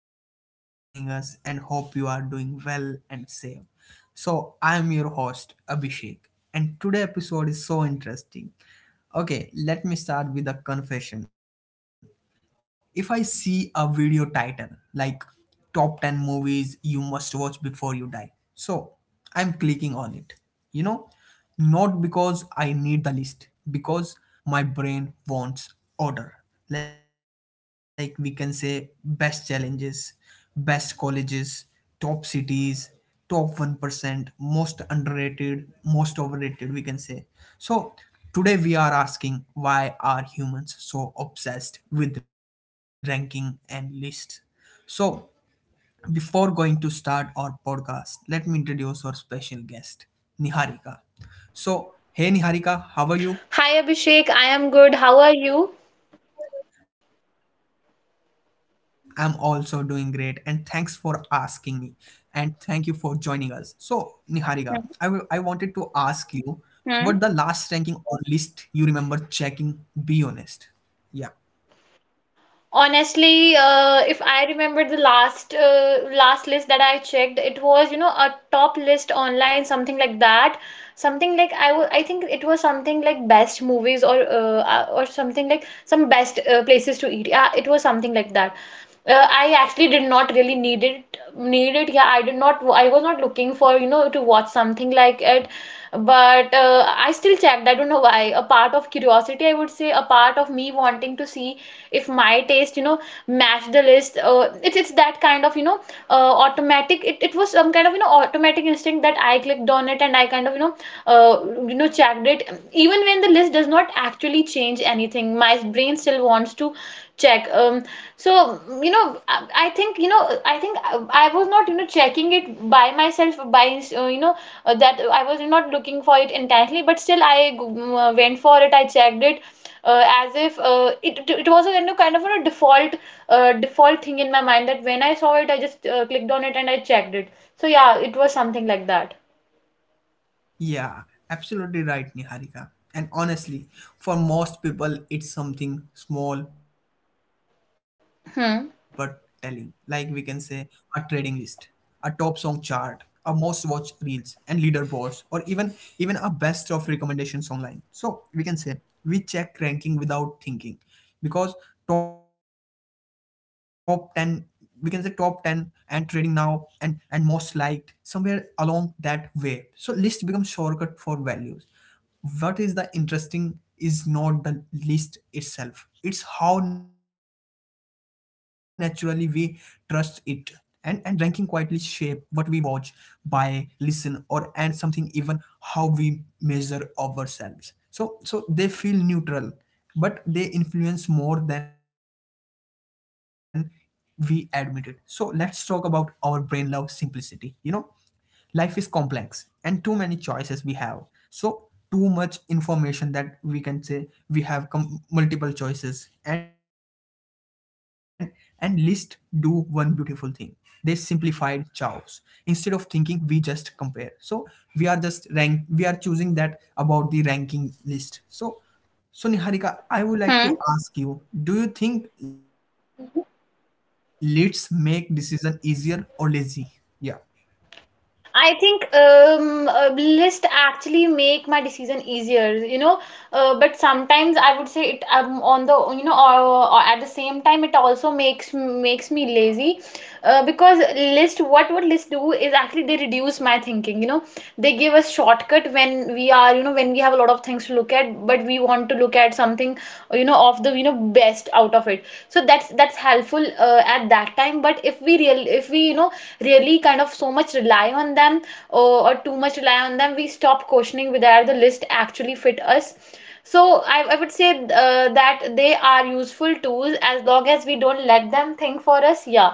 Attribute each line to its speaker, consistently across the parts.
Speaker 1: thank you for joining us. And hope you are doing well and safe. So, I'm your host, Abhishek, and today episode is so interesting. Okay, let me start with a confession. If I see a video title like top 10 movies you must watch before you die, so I'm clicking on it. You know, not because I need the list, because my brain wants order. Like we can say best challenges, best colleges, top cities, top 1%, most underrated, most overrated, we can say. So, today we are asking, why are humans so obsessed with ranking and lists? So, before going to start our podcast, let me introduce our special guest, Niharika. So, hey Niharika, how are you?
Speaker 2: Hi Abhishek, I am good. How are you?
Speaker 1: I'm also doing great, and thanks for asking me. And thank you for joining us. So,
Speaker 2: Hmm.
Speaker 1: Niharika, I wanted to ask you
Speaker 2: Hmm.
Speaker 1: what the last ranking or list you remember checking, be honest. Yeah.
Speaker 2: Honestly, if I remember the last list that I checked, it was, you know, a top list online, something like that. Something like I think it was something like best movies, or something like some best places to eat. Yeah, it was something like that. I actually did not really need it. Yeah, I was not looking for, to watch something like it. But I still checked. I don't know why. A part of curiosity, I would say, a part of me wanting to see if my taste matched the list. It's that kind of, automatic — it was some kind of, automatic instinct that I clicked on it, and I kind of, checked it. Even when the list does not actually change anything, my brain still wants to check. So you know I think you know I think I was not checking it by myself, by you know that I was not looking for it intensely, but still went for it. I checked it as if, it was a kind of a default thing in my mind, that when I saw it, I just clicked on it and I checked it. So yeah, it was something like that.
Speaker 1: Yeah, absolutely right, Niharika. And honestly, for most people, it's something small but telling. Like we can say
Speaker 2: Hmm.
Speaker 1: a trading list, a top song chart, a most watched reels and leaderboards, or even a best of recommendations online. So we can say we check ranking without thinking, because top 10, we can say top 10 and trading now, and most liked somewhere along that way, so list becomes shortcut for values. What is the interesting is not the list itself, it's how naturally we trust it. And ranking quietly shape what we watch, buy, listen, or and something even how we measure ourselves. So so they feel neutral, but they influence more than we admit it. So let's talk about our brain love simplicity. You know, life is complex and too many choices we have. So too much information, that we can say we have multiple choices. And list do one beautiful thing: they simplified chows. Instead of thinking, we just compare. So we are just rank, we are choosing that about the ranking list. So so Niharika, I would like to ask
Speaker 2: Hmm.
Speaker 1: you, do you think lists make decision easier or lazy? Yeah.
Speaker 2: I think a list actually make my decision easier, you know. But sometimes I would say, it on the you know or at the same time, it also makes me lazy, because list — what would list do is actually they reduce my thinking, you know. They give us shortcut when we are you know when we have a lot of things to look at, but we want to look at something, of the, best out of it. So that's helpful at that time. But if we real if we you know really kind of so much rely on them, or too much rely on them, we stop questioning whether the list actually fit us. So I would say that they are useful tools as long as we don't let them think for us. Yeah,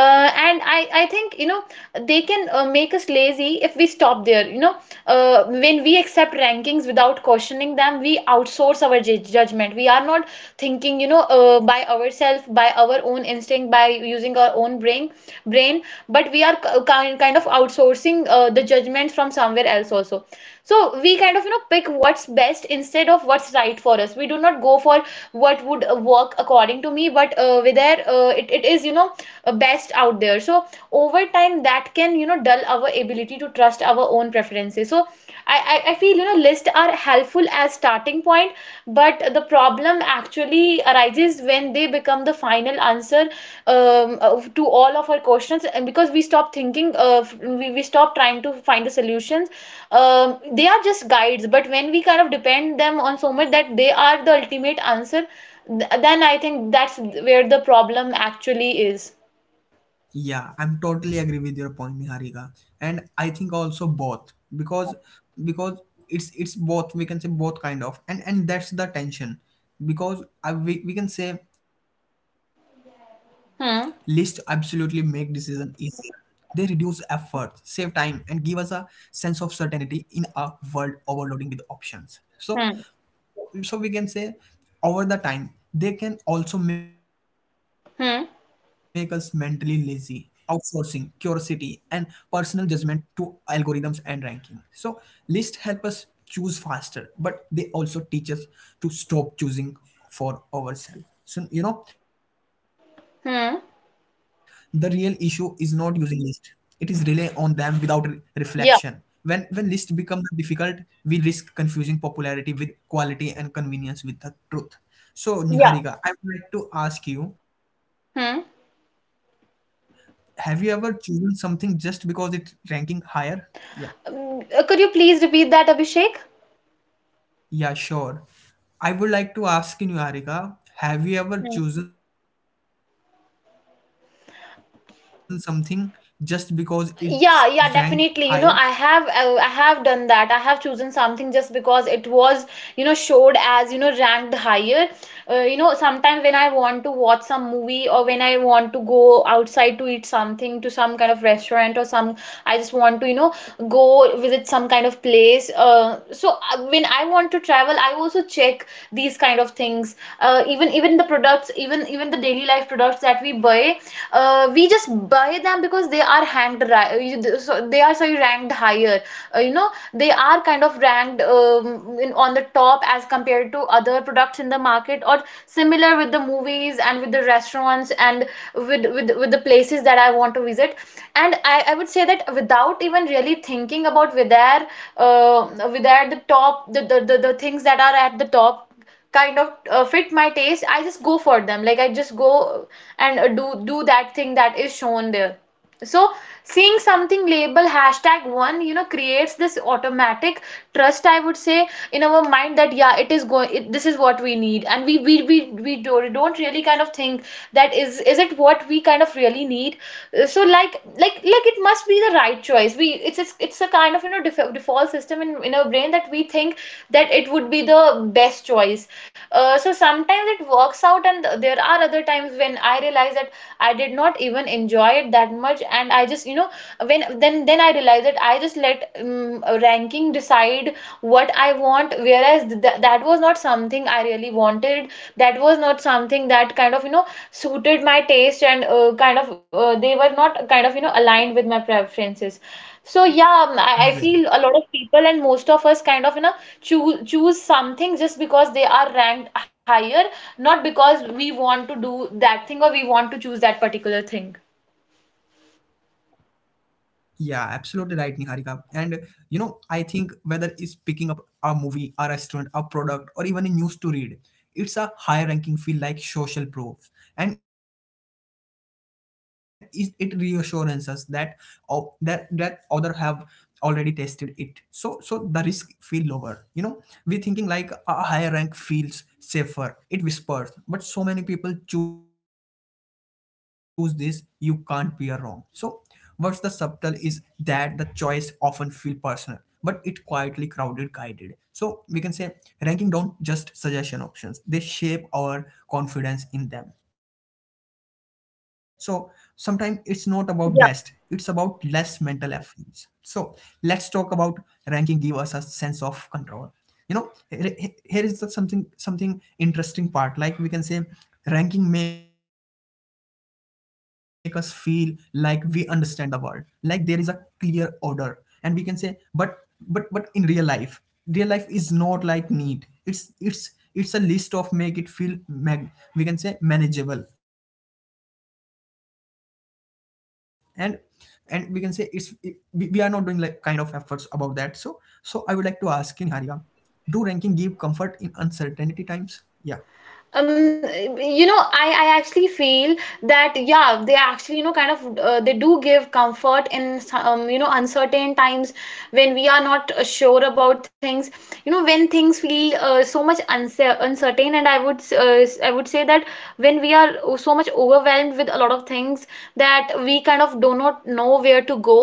Speaker 2: and I think, they can make us lazy if we stop there. When we accept rankings without questioning them, we outsource our judgment. We are not thinking by ourselves, by our own instinct, by using our own brain, but we are kind of outsourcing the judgment from somewhere else also. So we kind of, pick what's best instead of what's right for us. We do not go for what would work according to me, but it is best out there. So over time that can, dull our ability to trust our own preferences. So I, I feel, lists are helpful as starting point, but the problem actually arises when they become the final answer, to all of our questions, and because we stop thinking. We stop trying to find the solutions. They are just guides, but when we kind of depend them on so much that they are the ultimate answer, then I think that's where the problem actually is.
Speaker 1: Yeah, I'm totally agree with your point, Niharika. And I think also both, because because it's both, we can say both kind of, and that's the tension. Because we can say list absolutely make decision
Speaker 2: Hmm.
Speaker 1: easier. They reduce effort, save time, and give us a sense of certainty in a world overloading with options. So
Speaker 2: Hmm.
Speaker 1: so we can say over the time they can also make us mentally lazy,
Speaker 2: Hmm.
Speaker 1: outsourcing curiosity and personal judgment to algorithms and ranking. So lists help us choose faster, but they also teach us to stop choosing for ourselves. So you know, the real issue is not
Speaker 2: Hmm.
Speaker 1: using list, it is relay on them without reflection. When list
Speaker 2: Yeah.
Speaker 1: become difficult, we risk confusing popularity with quality and convenience with the truth. So
Speaker 2: Yeah.
Speaker 1: Niharika, I would like to ask you, have you ever
Speaker 2: Hmm.
Speaker 1: chosen something just because it ranking higher? Yeah.
Speaker 2: Could you please repeat that, Abhishek?
Speaker 1: Yeah sure, I would like to ask you Niharika, have you ever chosen something just because it's ranked higher?
Speaker 2: Yeah, yeah, definitely. I have, I have done that. I have chosen something just because it was, showed as, ranked higher. Sometimes when I want to watch some movie, or when I want to go outside to eat something, to some kind of restaurant, or some I just want to, go visit some kind of place. When I want to travel, I also check these kind of things. Even the products, even the daily life products that we buy, we just buy them because they are so ranked higher. They are kind of ranked, on the top as compared to other products in the market, or similar with the movies, and with the restaurants, and with the places that I want to visit. And I would say that without even really thinking about whether the top the things that are at the top kind of fit my taste, I just go for them. Like, I just go and do that thing that is shown there. So seeing something label #1, creates this automatic trust, I would say, in our mind, that yeah, it is going it, this is what we need. And we don't really kind of think that is it what we kind of really need. Like, it must be the right choice. It's a kind of, default system in our brain, that we think that it would be the best choice. So sometimes it works out, and there are other times when I realize that I did not even enjoy it that much, and I just you know when then I realize that I just let a ranking decide what I want, whereas that was not something I really wanted. That was not something that kind of, suited my taste, and kind of, they were not kind of, aligned with my preferences. So yeah, I feel a lot of people and most of us kind of, choose something just because they are ranked higher, not because we want to do that thing or we want to choose that particular thing.
Speaker 1: Yeah, absolutely right, Niharika. And you know, I think whether it's picking up a movie, a restaurant, a product, or even a news to read, it's a higher ranking feel like social proofs, and it reassures us that of that that other have already tested it. So so the risk feel lower. You know, we thinking like a higher rank feels safer. It whispers, but so many people choose this. You can't be wrong. So what's the subtle is that the choice often feel personal, but it quietly crowded guided. So we can say ranking don't just suggestion options; they shape our confidence in them. So sometimes it's not about best; it's about less mental efforts. So let's talk about ranking give us a sense of control. You know, here, here is the something something interesting part, like we can say ranking make us feel like we understand the world, like there is a clear order, and we can say, but but in real life, real life is not like neat. It's it's a list of make it feel mag, we can say manageable. and and we can say we are not doing like kind of efforts about that. So so I would like to ask you Niharika, do ranking give comfort in uncertainty times? Yeah.
Speaker 2: um I actually feel that yeah, they actually, kind of, they do give comfort in some, uncertain times, when we are not sure about things. When things feel so much uncertain. And I would say that when we are so much overwhelmed with a lot of things, that we kind of do not know where to go,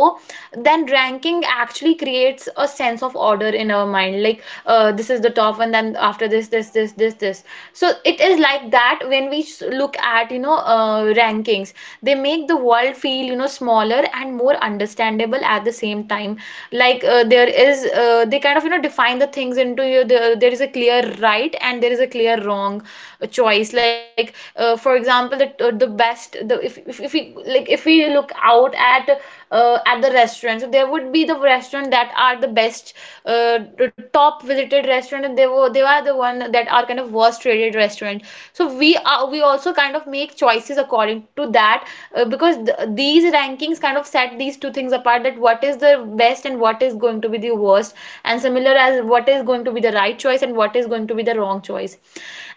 Speaker 2: then ranking actually creates a sense of order in our mind. Like, this is the top, and then after this. So it is like that when we look at, rankings, they make the world feel, smaller and more understandable at the same time. Like, there is they kind of, define the things into — you there is a clear right, and there is a clear wrong choice. Like, for example, the best the if we, like, if we look out at, at the restaurants, so there would be the restaurant that are the best, the top visited restaurant, and they are the one that are kind of worst rated restaurant. So we also kind of make choices according to that, because th these rankings kind of set these two things apart: that what is the best and what is going to be the worst, and similar as what is going to be the right choice and what is going to be the wrong choice.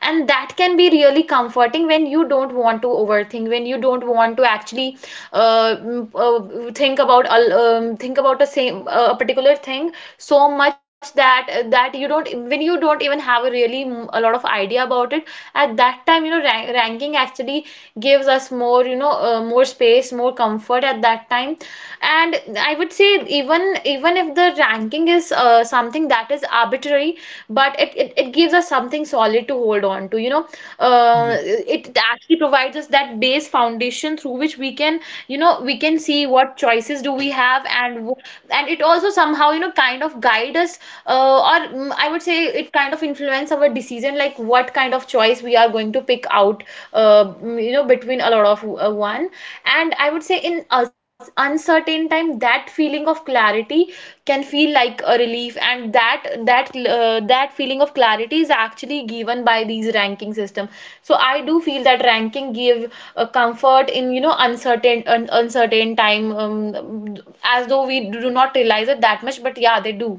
Speaker 2: And that can be really comforting when you don't want to overthink, when you don't want to actually, uh, mm, think about a particular thing so much, that you don't even have a really, a lot of idea about it. At that time, ranking actually gives us more — more space, more comfort, at that time. And I would say, even even if the ranking is something that is arbitrary, but it gives us something solid to hold on to. It actually provides us that base foundation through which we can, we can see what choices do we have, and and it also somehow, kind of guide us, I would say it kind of influence our decision, like what kind of choice we are going to pick out, between a lot of, one. And I would say, in us uncertain time, that feeling of clarity can feel like a relief, and that That feeling of clarity is actually given by these ranking system. So I do feel that ranking give a comfort in uncertain uncertain time as though we do not realize it that much, but yeah, they do.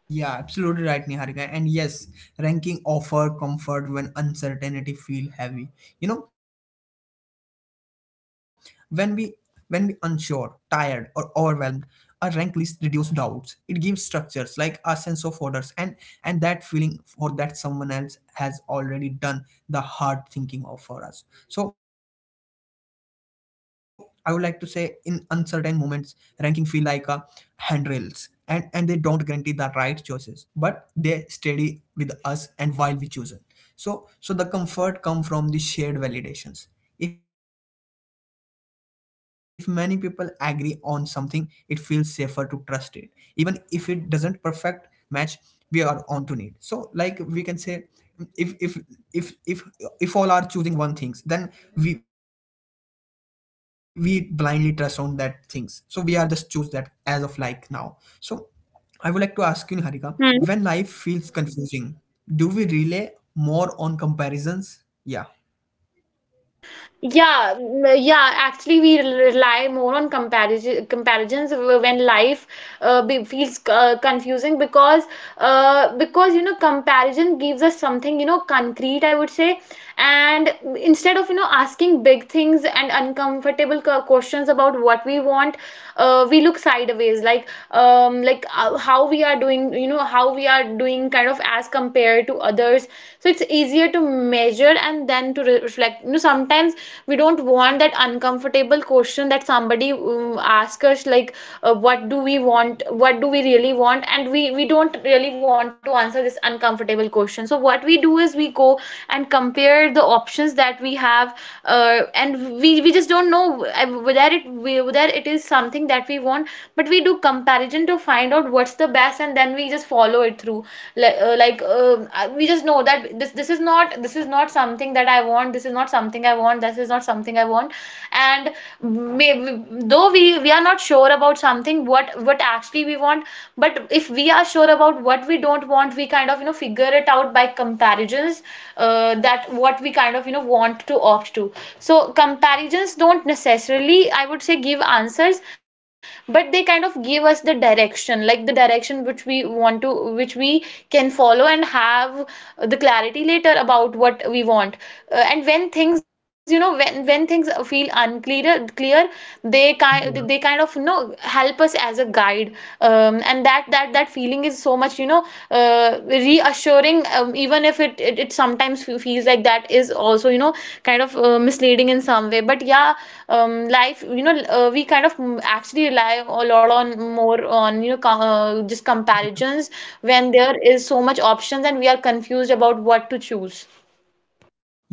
Speaker 1: Yeah, absolutely right, Niharika. And yes, ranking offer comfort when uncertainty feel heavy. You know, when we when we unsure, tired, or overwhelmed, a rank list reduce doubts. It gives structures like a sense of orders, and that feeling for that someone else has already done the hard thinking of for us. So I would like to say in uncertain moments, ranking feel like a handrails, and they don't guarantee the right choices, but they steady with us and while we choose it. So so the comfort come from the shared validations. If many people agree on something, it feels safer to trust it, even if it doesn't perfect match we are on to need. So like we can say, if if if if all are choosing one things, then we blindly trust on that things, so we are just choose that as of like now. So I would like to ask you Niharika, when life feels
Speaker 2: Hmm.
Speaker 1: confusing, do we rely more on comparisons? Yeah.
Speaker 2: Yeah, yeah, actually we rely more on comparison comparisons when life feels confusing because comparison gives us something concrete, I would say. And instead of asking big things and uncomfortable questions about what we want, we look sideways, like how we are doing, how we are doing, kind of as compared to others. So it's easier to measure and then to reflect. You know, sometimes we don't want that uncomfortable question that somebody asks us, like what do we want, what do we really want, and we don't really want to answer this uncomfortable question. So what we do is we go and compare the options that we have. uh, and we just don't know whether it is something that we want, but we do comparison to find out what's the best, and then we just follow it through. Like like we just know that this is not, this is not something that I want, this is not something I want, this is not something I want. And may, though we are not sure about something, what actually we want, but if we are sure about what we don't want, we kind of figure it out by comparisons, that what we kind of want to opt to. So comparisons don't necessarily, I would say, give answers, but they kind of give us the direction, like the direction which we want to, which we can follow and have the clarity later about what we want. And when things, when things feel unclear clear, they kind of help us as a guide. And that feeling is so much, reassuring, even if it sometimes feels like that is also, kind of misleading in some way, but yeah. Life, we kind of actually rely a lot on, more on, just comparisons when there is so much options and we are confused about what to choose.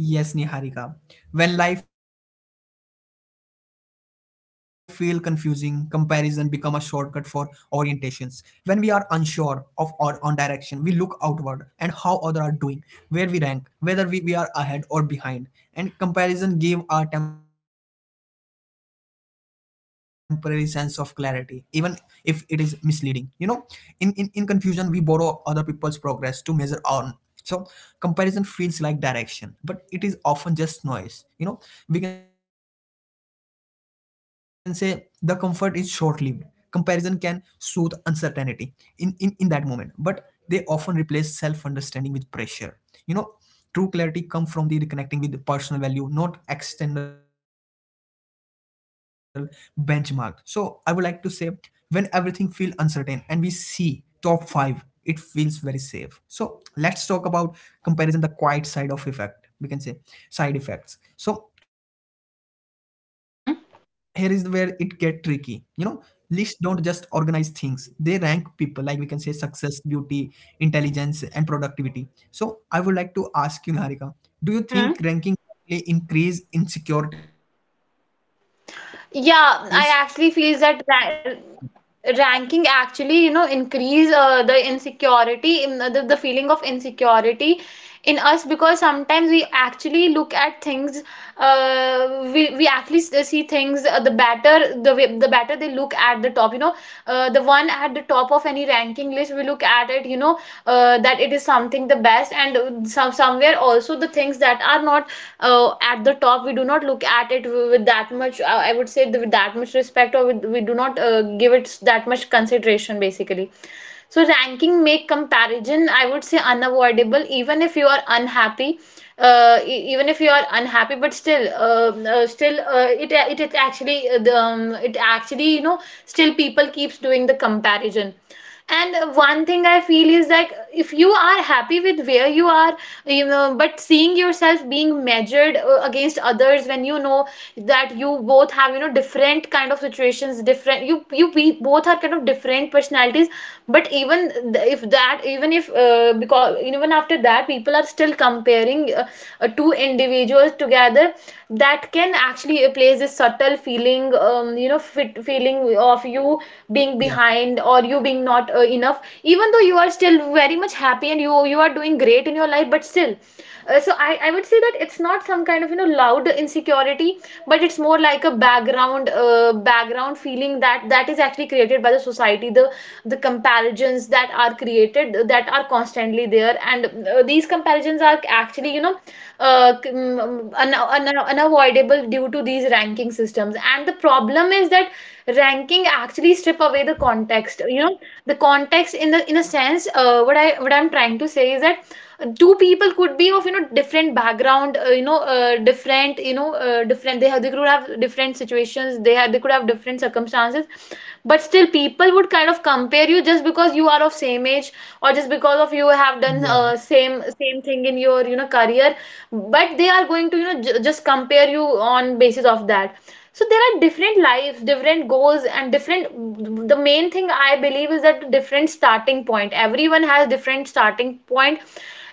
Speaker 1: Yes, Niharika. When life feels confusing, comparison become a shortcut for orientations. When we are unsure of our own direction, we look outward and how other are doing, where we rank, whether we are ahead or behind. And comparison give a temporary sense of clarity, even if it is misleading. You know, in confusion, we borrow other people's progress to measure on. So comparison feels like direction, but it is often just noise. You know, we can say the comfort is short-lived. Comparison can soothe uncertainty in that moment, but they often replace self-understanding with pressure. You know, true clarity come from the reconnecting with personal value, not external benchmark. So I would like to say when everything feel uncertain and we see top five, it feels very safe. So let's talk about comparison, the quiet side of effect, we can say side effects. So here is where it get tricky. You know,
Speaker 2: Hmm.
Speaker 1: lists don't just organize things, they rank people, like we can say success, beauty, intelligence, and productivity. So I would like to ask you Niharika, do you think
Speaker 2: Hmm.
Speaker 1: ranking correctly increase insecurities?
Speaker 2: Yeah, I actually feel that ra ranking actually, you know, increase the insecurity, in the feeling of insecurity in us, because sometimes we actually look at things. We actually see things, the better the way, the better they look at the top, you know, the one at the top of any ranking list, we look at it, you know, that it is something the best, and some somewhere also the things that are not at the top, we do not look at it with that much I would say with that much respect, or with, we do not give it that much consideration basically. So ranking make comparison, I would say, unavoidable. Even if you are unhappy, even if you are unhappy, but still still it actually it actually, you know, still people keeps doing the comparison. And one thing I feel is, like, if you are happy with where you are, you know, but seeing yourself being measured against others, when you know that you both have, you know, different kind of situations, different, both are kind of different personalities, but even if that even if because even after that, people are still comparing, two individuals together, that can actually place this subtle feeling, you know, fit feeling of you being
Speaker 1: Yeah.
Speaker 2: behind, or you being not enough, even though you are still very much happy and you are doing great in your life, but still so I would say that it's not some kind of, you know, loud insecurity, but it's more like a background background feeling that that is actually created by the society, the comparisons that are created that are constantly there. And these comparisons are actually, you know, unavoidable due to these ranking systems. And the problem is that ranking actually strip away the context, you know. The context in the, in a sense, what I, what I'm trying to say is that two people could be of, you know, different background, you know, different, you know, different, they have, they could have different situations, they had, they could have different circumstances, but still people would kind of compare you just because you are of same age, or just because of you have done
Speaker 1: Yeah.
Speaker 2: same thing in your, you know, career. But they are going to, you know, just compare you on basis of that. So there are different lives, different goals, and different, the main thing I believe is that different starting point, everyone has different starting point.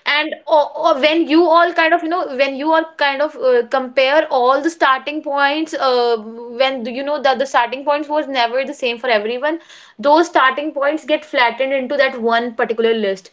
Speaker 2: And or when you all kind of, you know, when you all kind of compare all the starting points, when you know that the starting points was never the same for everyone, those starting points get flattened into that one particular list.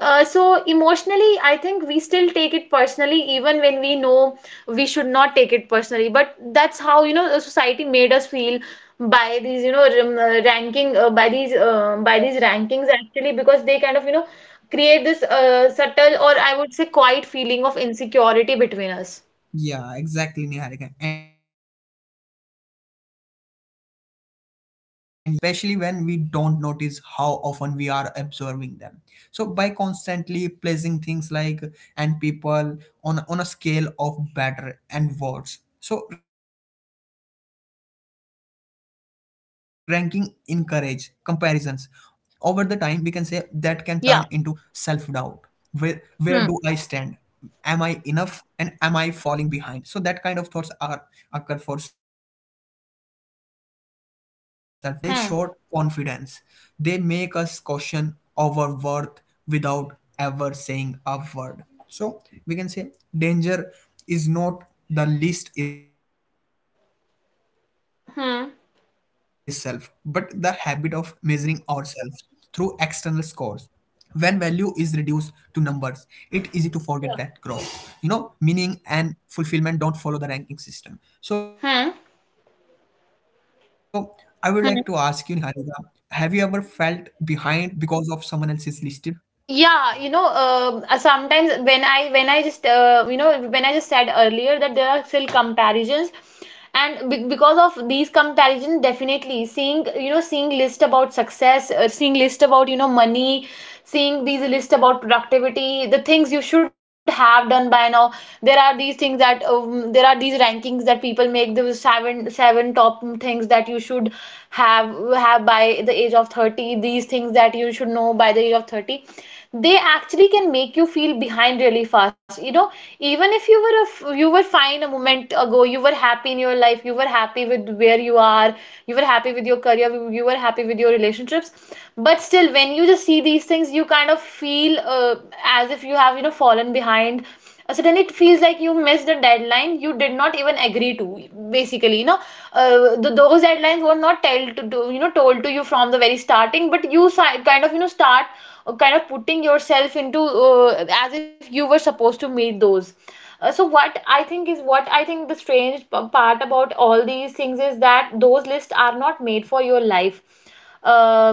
Speaker 2: So emotionally, I think we still take it personally even when we know we should not take it personally, but that's how, you know, society made us feel by these, you know, ranking, by these rankings actually, because they kind of, you know, create this subtle, or I would say quiet, feeling of insecurity between us.
Speaker 1: Yeah, exactly, Niharika. And yes, ranking can quietly amplify insecurity, especially when we don't notice how often we are observing them. So by constantly placing things like and people on a scale of better and worse. So ranking encourage comparisons over the time, we can say that can turn into self-doubt. Where
Speaker 2: Yeah.
Speaker 1: do I stand? Am I
Speaker 2: Hmm.
Speaker 1: enough? And am I falling behind? So that kind of thoughts are occur for self-doubting. So you know, ranking don't just short content, they short
Speaker 2: Hmm.
Speaker 1: confidence. They make us question our worth without ever saying a word. So we can say danger is not the list is self, but the habit of measuring
Speaker 2: Hmm.
Speaker 1: ourselves through external scores. When value is reduced to numbers, it easy to forget that growth. You know, meaning
Speaker 2: Yeah.
Speaker 1: and fulfillment don't follow the ranking system. So I would like to ask you,
Speaker 2: Hmm.
Speaker 1: Niharika, have you ever felt behind
Speaker 2: Hmm.
Speaker 1: because of someone else's listed?
Speaker 2: Yeah, you know, sometimes when I, when I just you know, when I just said earlier that there are still comparisons, and be because of these comparisons, definitely seeing, you know, seeing list about success, seeing list about, you know, money, seeing these list about productivity, the things you should have done by now. There are these things that there are these rankings that people make, those seven top things that you should have have have by the age of 30, these things that you should know by the age of 30. They actually can make you feel behind really fast, you know. Even if you were a f you were fine a moment ago, you were happy in your life, you were happy with where you are, you were happy with your career, you were happy with your relationships, but still, when you just see these things, you kind of feel as if you have, you know, fallen behind. Suddenly it feels like you missed the deadline you did not even agree to, basically, you know. Th Those deadlines were not told to, you know, told to you from the very starting, but you kind of, you know, start kind of putting yourself into, as if you were supposed to meet those. So what I think is, what I think the strange part about all these things is that those lists are not made for your life, uh,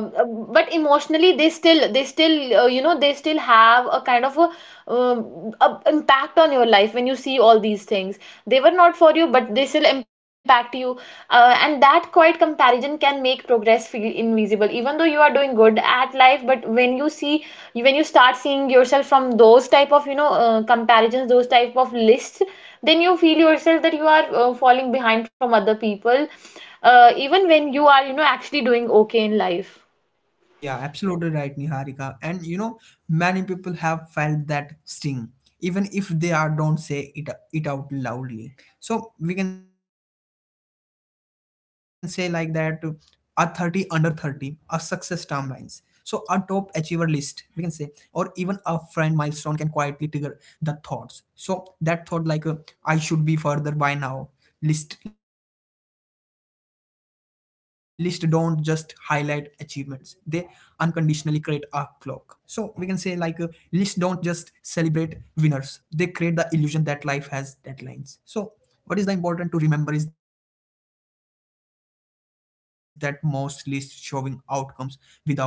Speaker 2: but emotionally they still, you know, they still have a kind of a impact on your life when you see all these things. They were not for you, but they still impact you. And that quiet comparison can make progress feel invisible, even though you are doing good at life. But when you see, when you start seeing yourself from those type of, you know, comparisons, those type of lists, then you feel yourself that you are falling behind from other people, even when you are, you know, actually doing okay in life.
Speaker 1: Yeah, absolutely right, Niharika. And you know, many people have felt that sting, even if they are don't say it out loudly. So we can say like that a 30 under 30 a success timelines. So a top achiever list, we can say, or even a friend milestone can quietly trigger the thoughts. So that thought like I should be further by now. List don't just highlight achievements; they unconditionally create a clock. So we can say like list don't just celebrate winners; they create the illusion that life has deadlines. So what is the important to remember is that most lists showing outcomes without context. They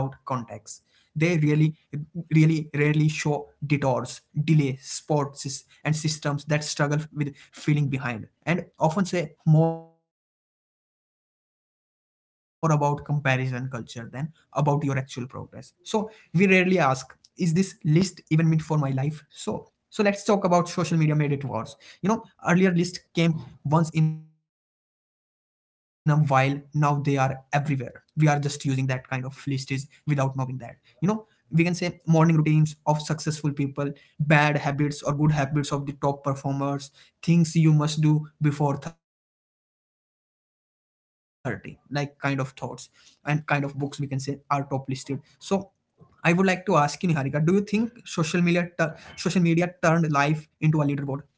Speaker 1: really rarely show detours, delay, sports, and systems that struggle with feeling behind, and often say more about comparison culture than about your actual progress. So we rarely ask, is this list even meant for my life? So so let's talk about social media made it worse. You know, earlier lists came once in a while, now they are everywhere. We are just using that kind of list is without knowing that. You know, we can say
Speaker 2: Hmm.
Speaker 1: morning routines of successful people, bad habits or good habits of the top performers, things you must do before 30, like kind of thoughts and
Speaker 2: Yeah.
Speaker 1: kind of books we can say are top listed. So I would like to ask you, Niharika, do you think social media turned life into a leaderboard? Yeah,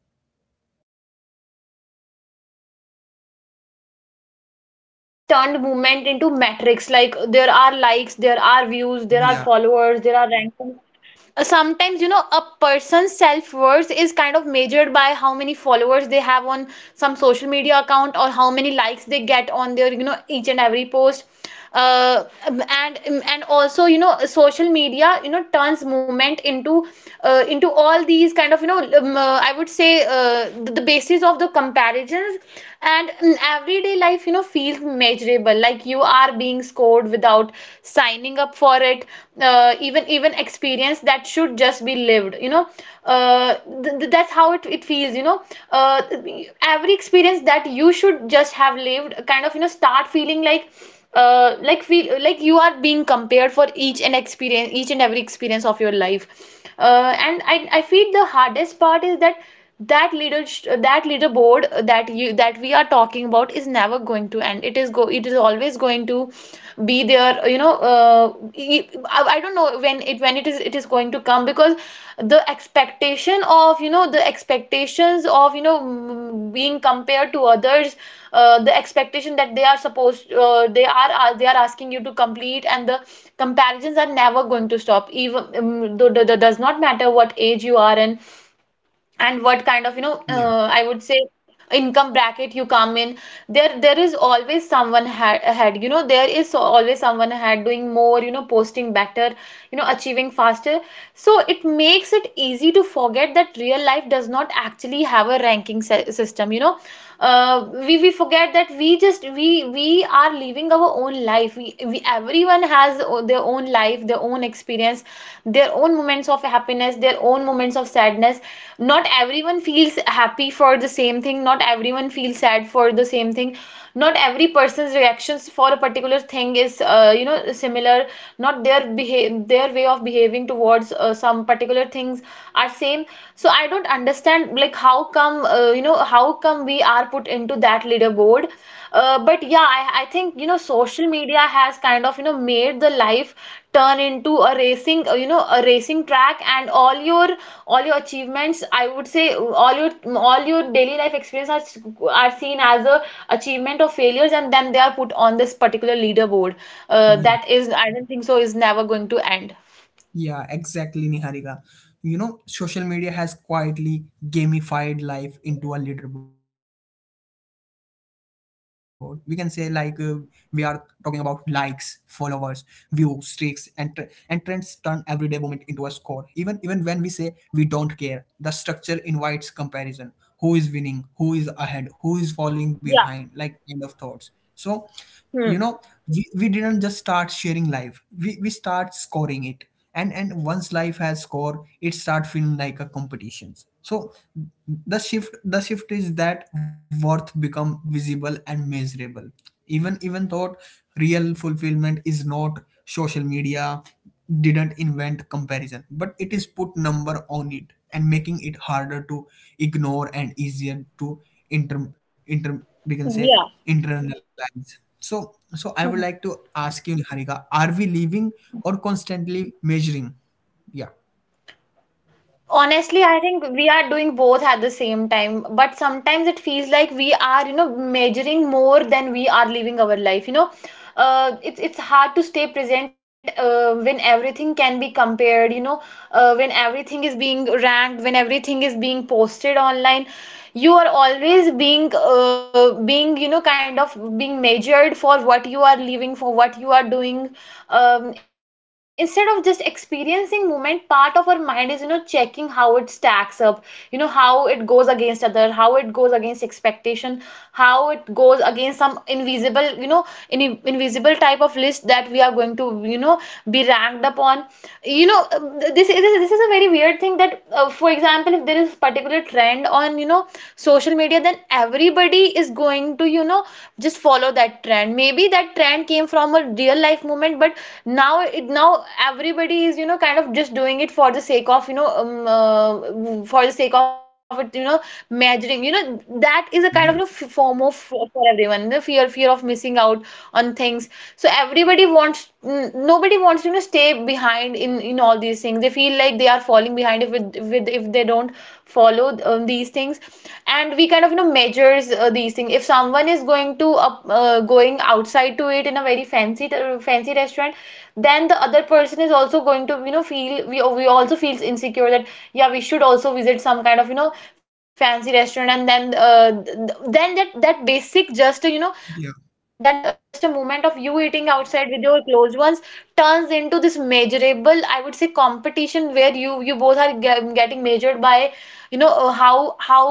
Speaker 2: Yeah, you know, it really does feel that way sometimes. You know, social media has turned movement into metrics. Like there are likes, there are views, there are
Speaker 1: yeah,
Speaker 2: followers, there are ranks. Sometimes, you know, a person's self-worth is kind of measured by how many followers they have on some social media account or how many likes they get on their, you know, each and every post. And also, you know, social media, you know, turns movement into all these kind of, you know, I would say, the basis of the comparisons. And everyday life, you know, feels measurable, like you are being scored road without signing up for it. Even experience that should just be lived, you know. uh, that's how it feels, you know. uh, every experience that you should just have lived kind of, you know, start feeling like feel like you are being compared for each and experience each and every experience of your life. And I feel the hardest part is that that leader that leaderboard that we are talking about is never going to end. It is always going to be there, you know. I don't know when it is going to come, because the expectations of, you know, being compared to
Speaker 1: yeah,
Speaker 2: others. Uh, the expectation that they are supposed they are- They are asking you to complete, and the comparisons are never going to stop, even though does not matter what age you are in and what kind of, you know,
Speaker 1: yeah,
Speaker 2: I would say income bracket you come in. There is always ahead, you know. There is always someone ahead, doing more, you know, posting better, you know, achieving faster. So it makes it easy to forget that real life does not actually have a system, you know. We forget that we just we are living our own life. We Everyone their own life, their own experience, their own moments of happiness, their own moments of sadness. Not everyone feels happy for the same thing. Not everyone feels sad for the same thing. Not every person's reactions for a particular thing is, you know, similar. Not their way of behaving towards some particular things are same. So I don't understand, like, how come, how come we are put into that leaderboard. But yeah, I think, you know, social media has kind of, you know, made the life turn into a racing you know a racing track. And all your achievements, I would say, all your daily life experience are seen as a achievement or failures, and then they are put on this particular leaderboard.
Speaker 1: yeah.
Speaker 2: That is, I don't think so, is never going to end.
Speaker 1: Yeah, exactly, Niharika. You know, social media has quietly gamified life into a leaderboard. We can say, like, we are talking about likes, followers, views, streaks, and trends turn everyday moment into a score. Even when we say we don't care, the structure invites comparison. Who is winning? Who is ahead? Who is falling
Speaker 2: Yeah.
Speaker 1: behind? Like kind of thoughts. So, you
Speaker 2: Hmm.
Speaker 1: know, we didn't just start sharing life. We start scoring it, and once life has score it start feeling like a competitions, so the shift is that worth become visible and measurable, even thought real fulfillment is not. Social media didn't invent comparison, but it is put number on it, and making it harder to ignore and easier to inter, inter we can say
Speaker 2: Yeah.
Speaker 1: internalize. So, so I would like to ask you, Niharika, are we living or constantly measuring? Yeah.
Speaker 2: Honestly, I think we are doing both at the same time, but sometimes it feels like we are, you know, measuring more than we are living our life, you know. It's hard to stay present when everything can be compared, you know. When everything is being ranked, when everything is being posted online, you are always being, you know, kind of being measured for what you are living, for what you are doing. Instead of just experiencing moment, part of our mind is, you know, checking how it stacks up, you know, how it goes against other, how it goes against expectation, how it goes against some invisible, you know, invisible type of list that we are going to, you know, be ranked up upon. You know, this is a very weird thing that, for example, if there is a particular trend on, you know, social media, then everybody is going to, you know, just follow that trend. Maybe that trend came from a real life moment, but now everybody is, you know, kind of just doing it for the sake of, you know, for the sake of it, you know, measuring, you know. That is a kind of, you know,
Speaker 1: Yeah,
Speaker 2: form of for everyone, the fear of missing out on things. So nobody wants to, you know, stay behind in all these things. They feel like they are falling behind, if it, with if they don't follow, these things. And we kind of, you know, measures these things. If someone is going to going outside to eat in a very fancy restaurant, then the other person is also going to, you know, feel, we also feels insecure that, yeah, we should also visit some kind of, you know, fancy restaurant. And then then that
Speaker 1: yeah,
Speaker 2: that basic just, you know, then just a moment of you eating outside with your close ones turns into this measurable, I would say, competition where you both are getting measured by, you know, uh, how how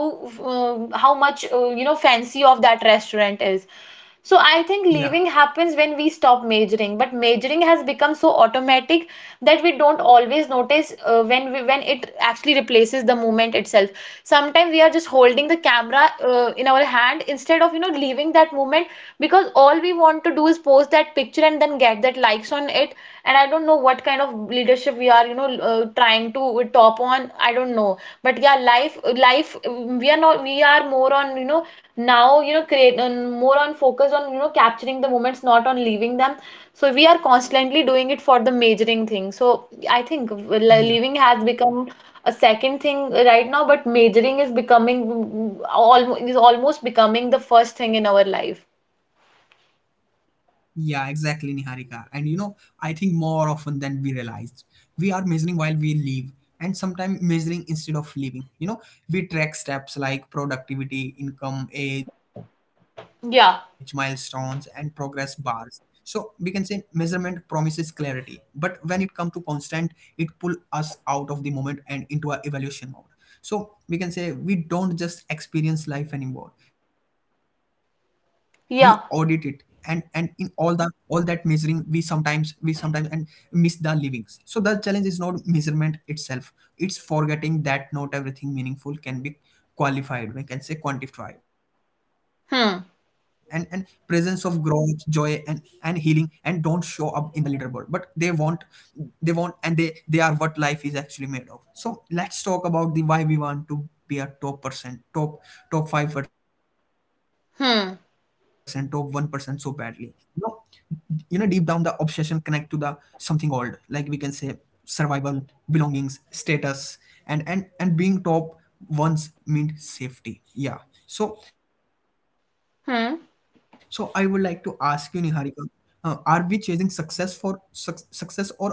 Speaker 2: um, how much, you know, fancy of that restaurant is. So I think
Speaker 1: yeah,
Speaker 2: leaving happens when we stop majoring, but majoring has become so automatic that we don't always notice when it actually replaces the moment itself. Sometimes we are just holding the camera in our hand, instead of, you know, leaving that moment, because all we want to do is post that picture and then get that likes on it. And I don't know what kind of leadership we are, you know, trying to top on. I don't know, but yeah, we are not, we are more on, you know, now, you know, create more on focus on, you know, capturing the moments, not on leaving them. So we are constantly doing it for the majoring thing. So I think
Speaker 1: yeah.
Speaker 2: leaving has become a second thing right now, but majoring is becoming almost becoming the first thing in our life.
Speaker 1: Yeah, exactly, Niharika. And you know, I think more often than we realized, we are measuring while we live, and sometimes measuring instead of living. You know, we track steps like productivity, income, age, milestones, and
Speaker 2: Yeah.
Speaker 1: progress bars. So we can say measurement promises clarity, but when it comes to constant, it pull us out of the moment and into a evaluation mode. So we can say we don't just experience life anymore, we audit it. And
Speaker 2: Yeah.
Speaker 1: in all the all that measuring, we sometimes and miss the livings. So the challenge is not measurement itself, it's forgetting that not everything meaningful can be qualified, we can say quantified. And presence
Speaker 2: Hmm.
Speaker 1: of growth, joy, and healing and don't show up in the leaderboard, but they want, they want, and they are what life is actually made of. So let's talk about the why we want to be a top 5%, top 1% so
Speaker 2: Hmm.
Speaker 1: badly. You know, you know, deep down the obsession connect to the something old, like we can say survival, belongings, status. And and being top once meant safety, yeah. So, so I would like to ask
Speaker 2: Hmm.
Speaker 1: you, Niharika, are we chasing success for success or approval? Yeah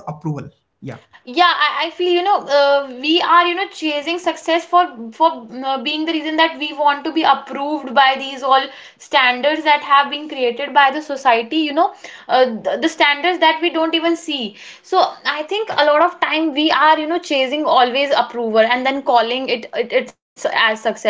Speaker 2: Yeah, I feel, you know, we are, you know, chasing success for being the reason that we want to be approved by these all standards that have been created by the society, you know. The standards that we don't even see. So I think a lot of time we are, you know, chasing always approval and then calling it, it it's as success.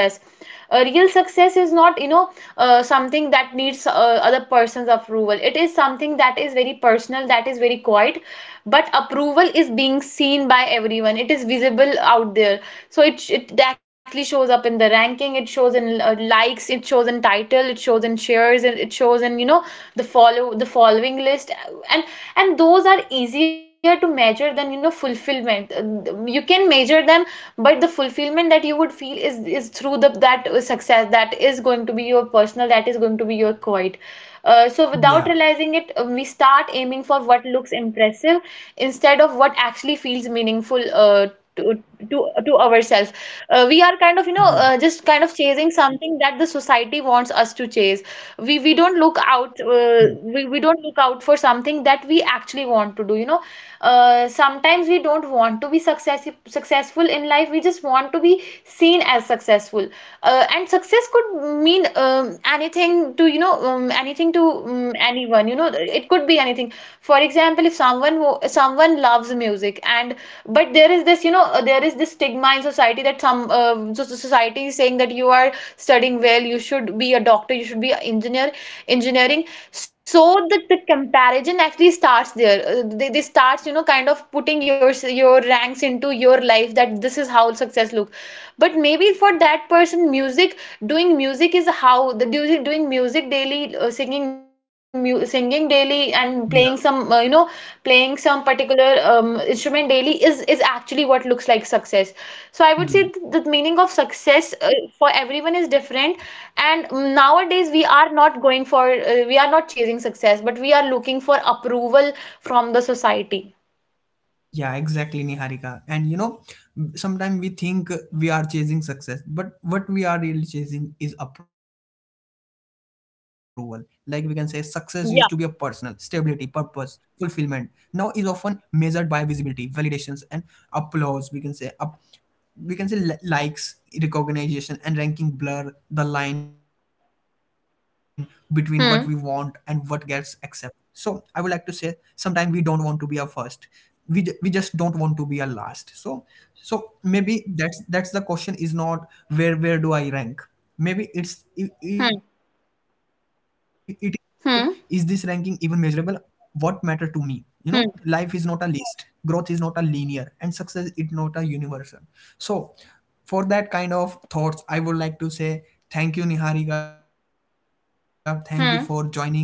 Speaker 2: Real success is not, you know, something that needs other person's approval. It is something that is very personal, that is very quiet. But approval is being seen by everyone. It is visible out there. So it actually shows up in the ranking. It shows in likes, it shows in title, it shows in shares, and it shows in, you know, the following list. And and those are easier to measure than, you know, fulfillment. You can measure them, but the fulfillment that you would feel is through the that success, that is going to be your personal, that is going to be your quite. So without
Speaker 1: yeah
Speaker 2: realizing it, we start aiming for what looks impressive instead of what actually feels meaningful, to, to to ourselves. We are kind of, you know,
Speaker 1: yeah
Speaker 2: just kind of chasing something that the society wants us to chase. we we don't
Speaker 1: Hmm.
Speaker 2: look out uh, we, we don't look out for something that we actually want to do, you know. Sometimes we don't want to be successful in life. We just want to be seen as successful. And success could mean, anything to, you know, anything to anyone, you know, it could be anything. For example, if someone loves music, and but there is this, you know, there is this stigma in society that so society is saying that you are studying well, you should be a doctor, you should be an engineer engineering. So the comparison actually starts there. They starts, you know, kind of putting your ranks into your life, that this is how success look. But maybe for that person, music, doing music is how the doing doing music daily, singing daily, and
Speaker 1: yeah
Speaker 2: playing some particular instrument daily is actually what looks like success. So I would say
Speaker 1: Hmm.
Speaker 2: the meaning of success, for everyone, is different. And nowadays, we are not chasing success, but we are looking for approval from the society.
Speaker 1: Yeah, exactly, Niharika. And you know, sometimes we think we are chasing success, but what we are really chasing is approval. Like we can say, success used to be a personal stability,
Speaker 2: Yeah.
Speaker 1: purpose, fulfillment. Now is often measured by visibility, validations, and applause. We can say up we can say likes, recognition, and ranking blur the line between what we want and what gets
Speaker 2: Hmm.
Speaker 1: accepted. So I would like to say sometimes we don't want to be a first, we just don't want to be a last. So so maybe that's the question is not where where do I rank. Maybe it
Speaker 2: Hmm.
Speaker 1: is this ranking even measurable,
Speaker 2: Hmm.
Speaker 1: what matter to me. You know, life is not a
Speaker 2: Hmm.
Speaker 1: list, growth is not a linear, and success is not a universal. So for that kind of thoughts, I would like to say thank you, Niharika. Thank you for joining us and sharing
Speaker 2: Hmm.
Speaker 1: your thoughts.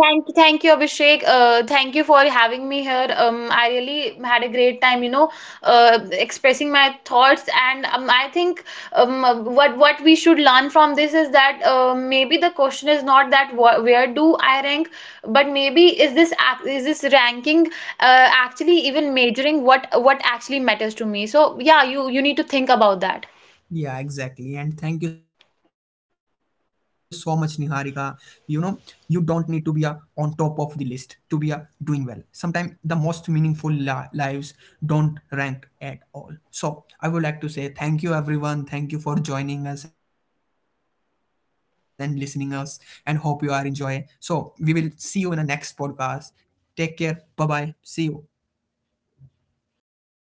Speaker 2: Thank you, Abhishek. Thank you for having me here. I really had a great time, you know, expressing my thoughts. And I think, what we should learn from this is that, maybe the question is not that, wh where do I rank, but maybe is is this ranking actually even measuring what actually matters to me? So yeah, you need to think about that.
Speaker 1: Yeah, exactly. And thank you so much, Niharika. You know, you don't need to be a on top of the list to be a doing well. Sometimes the most meaningful lives don't rank at all. So I would like to say thank you, everyone. Thank you for joining us and listening us, and hope you are enjoy. So we will see you in a next podcast. Take care. Bye bye. See you.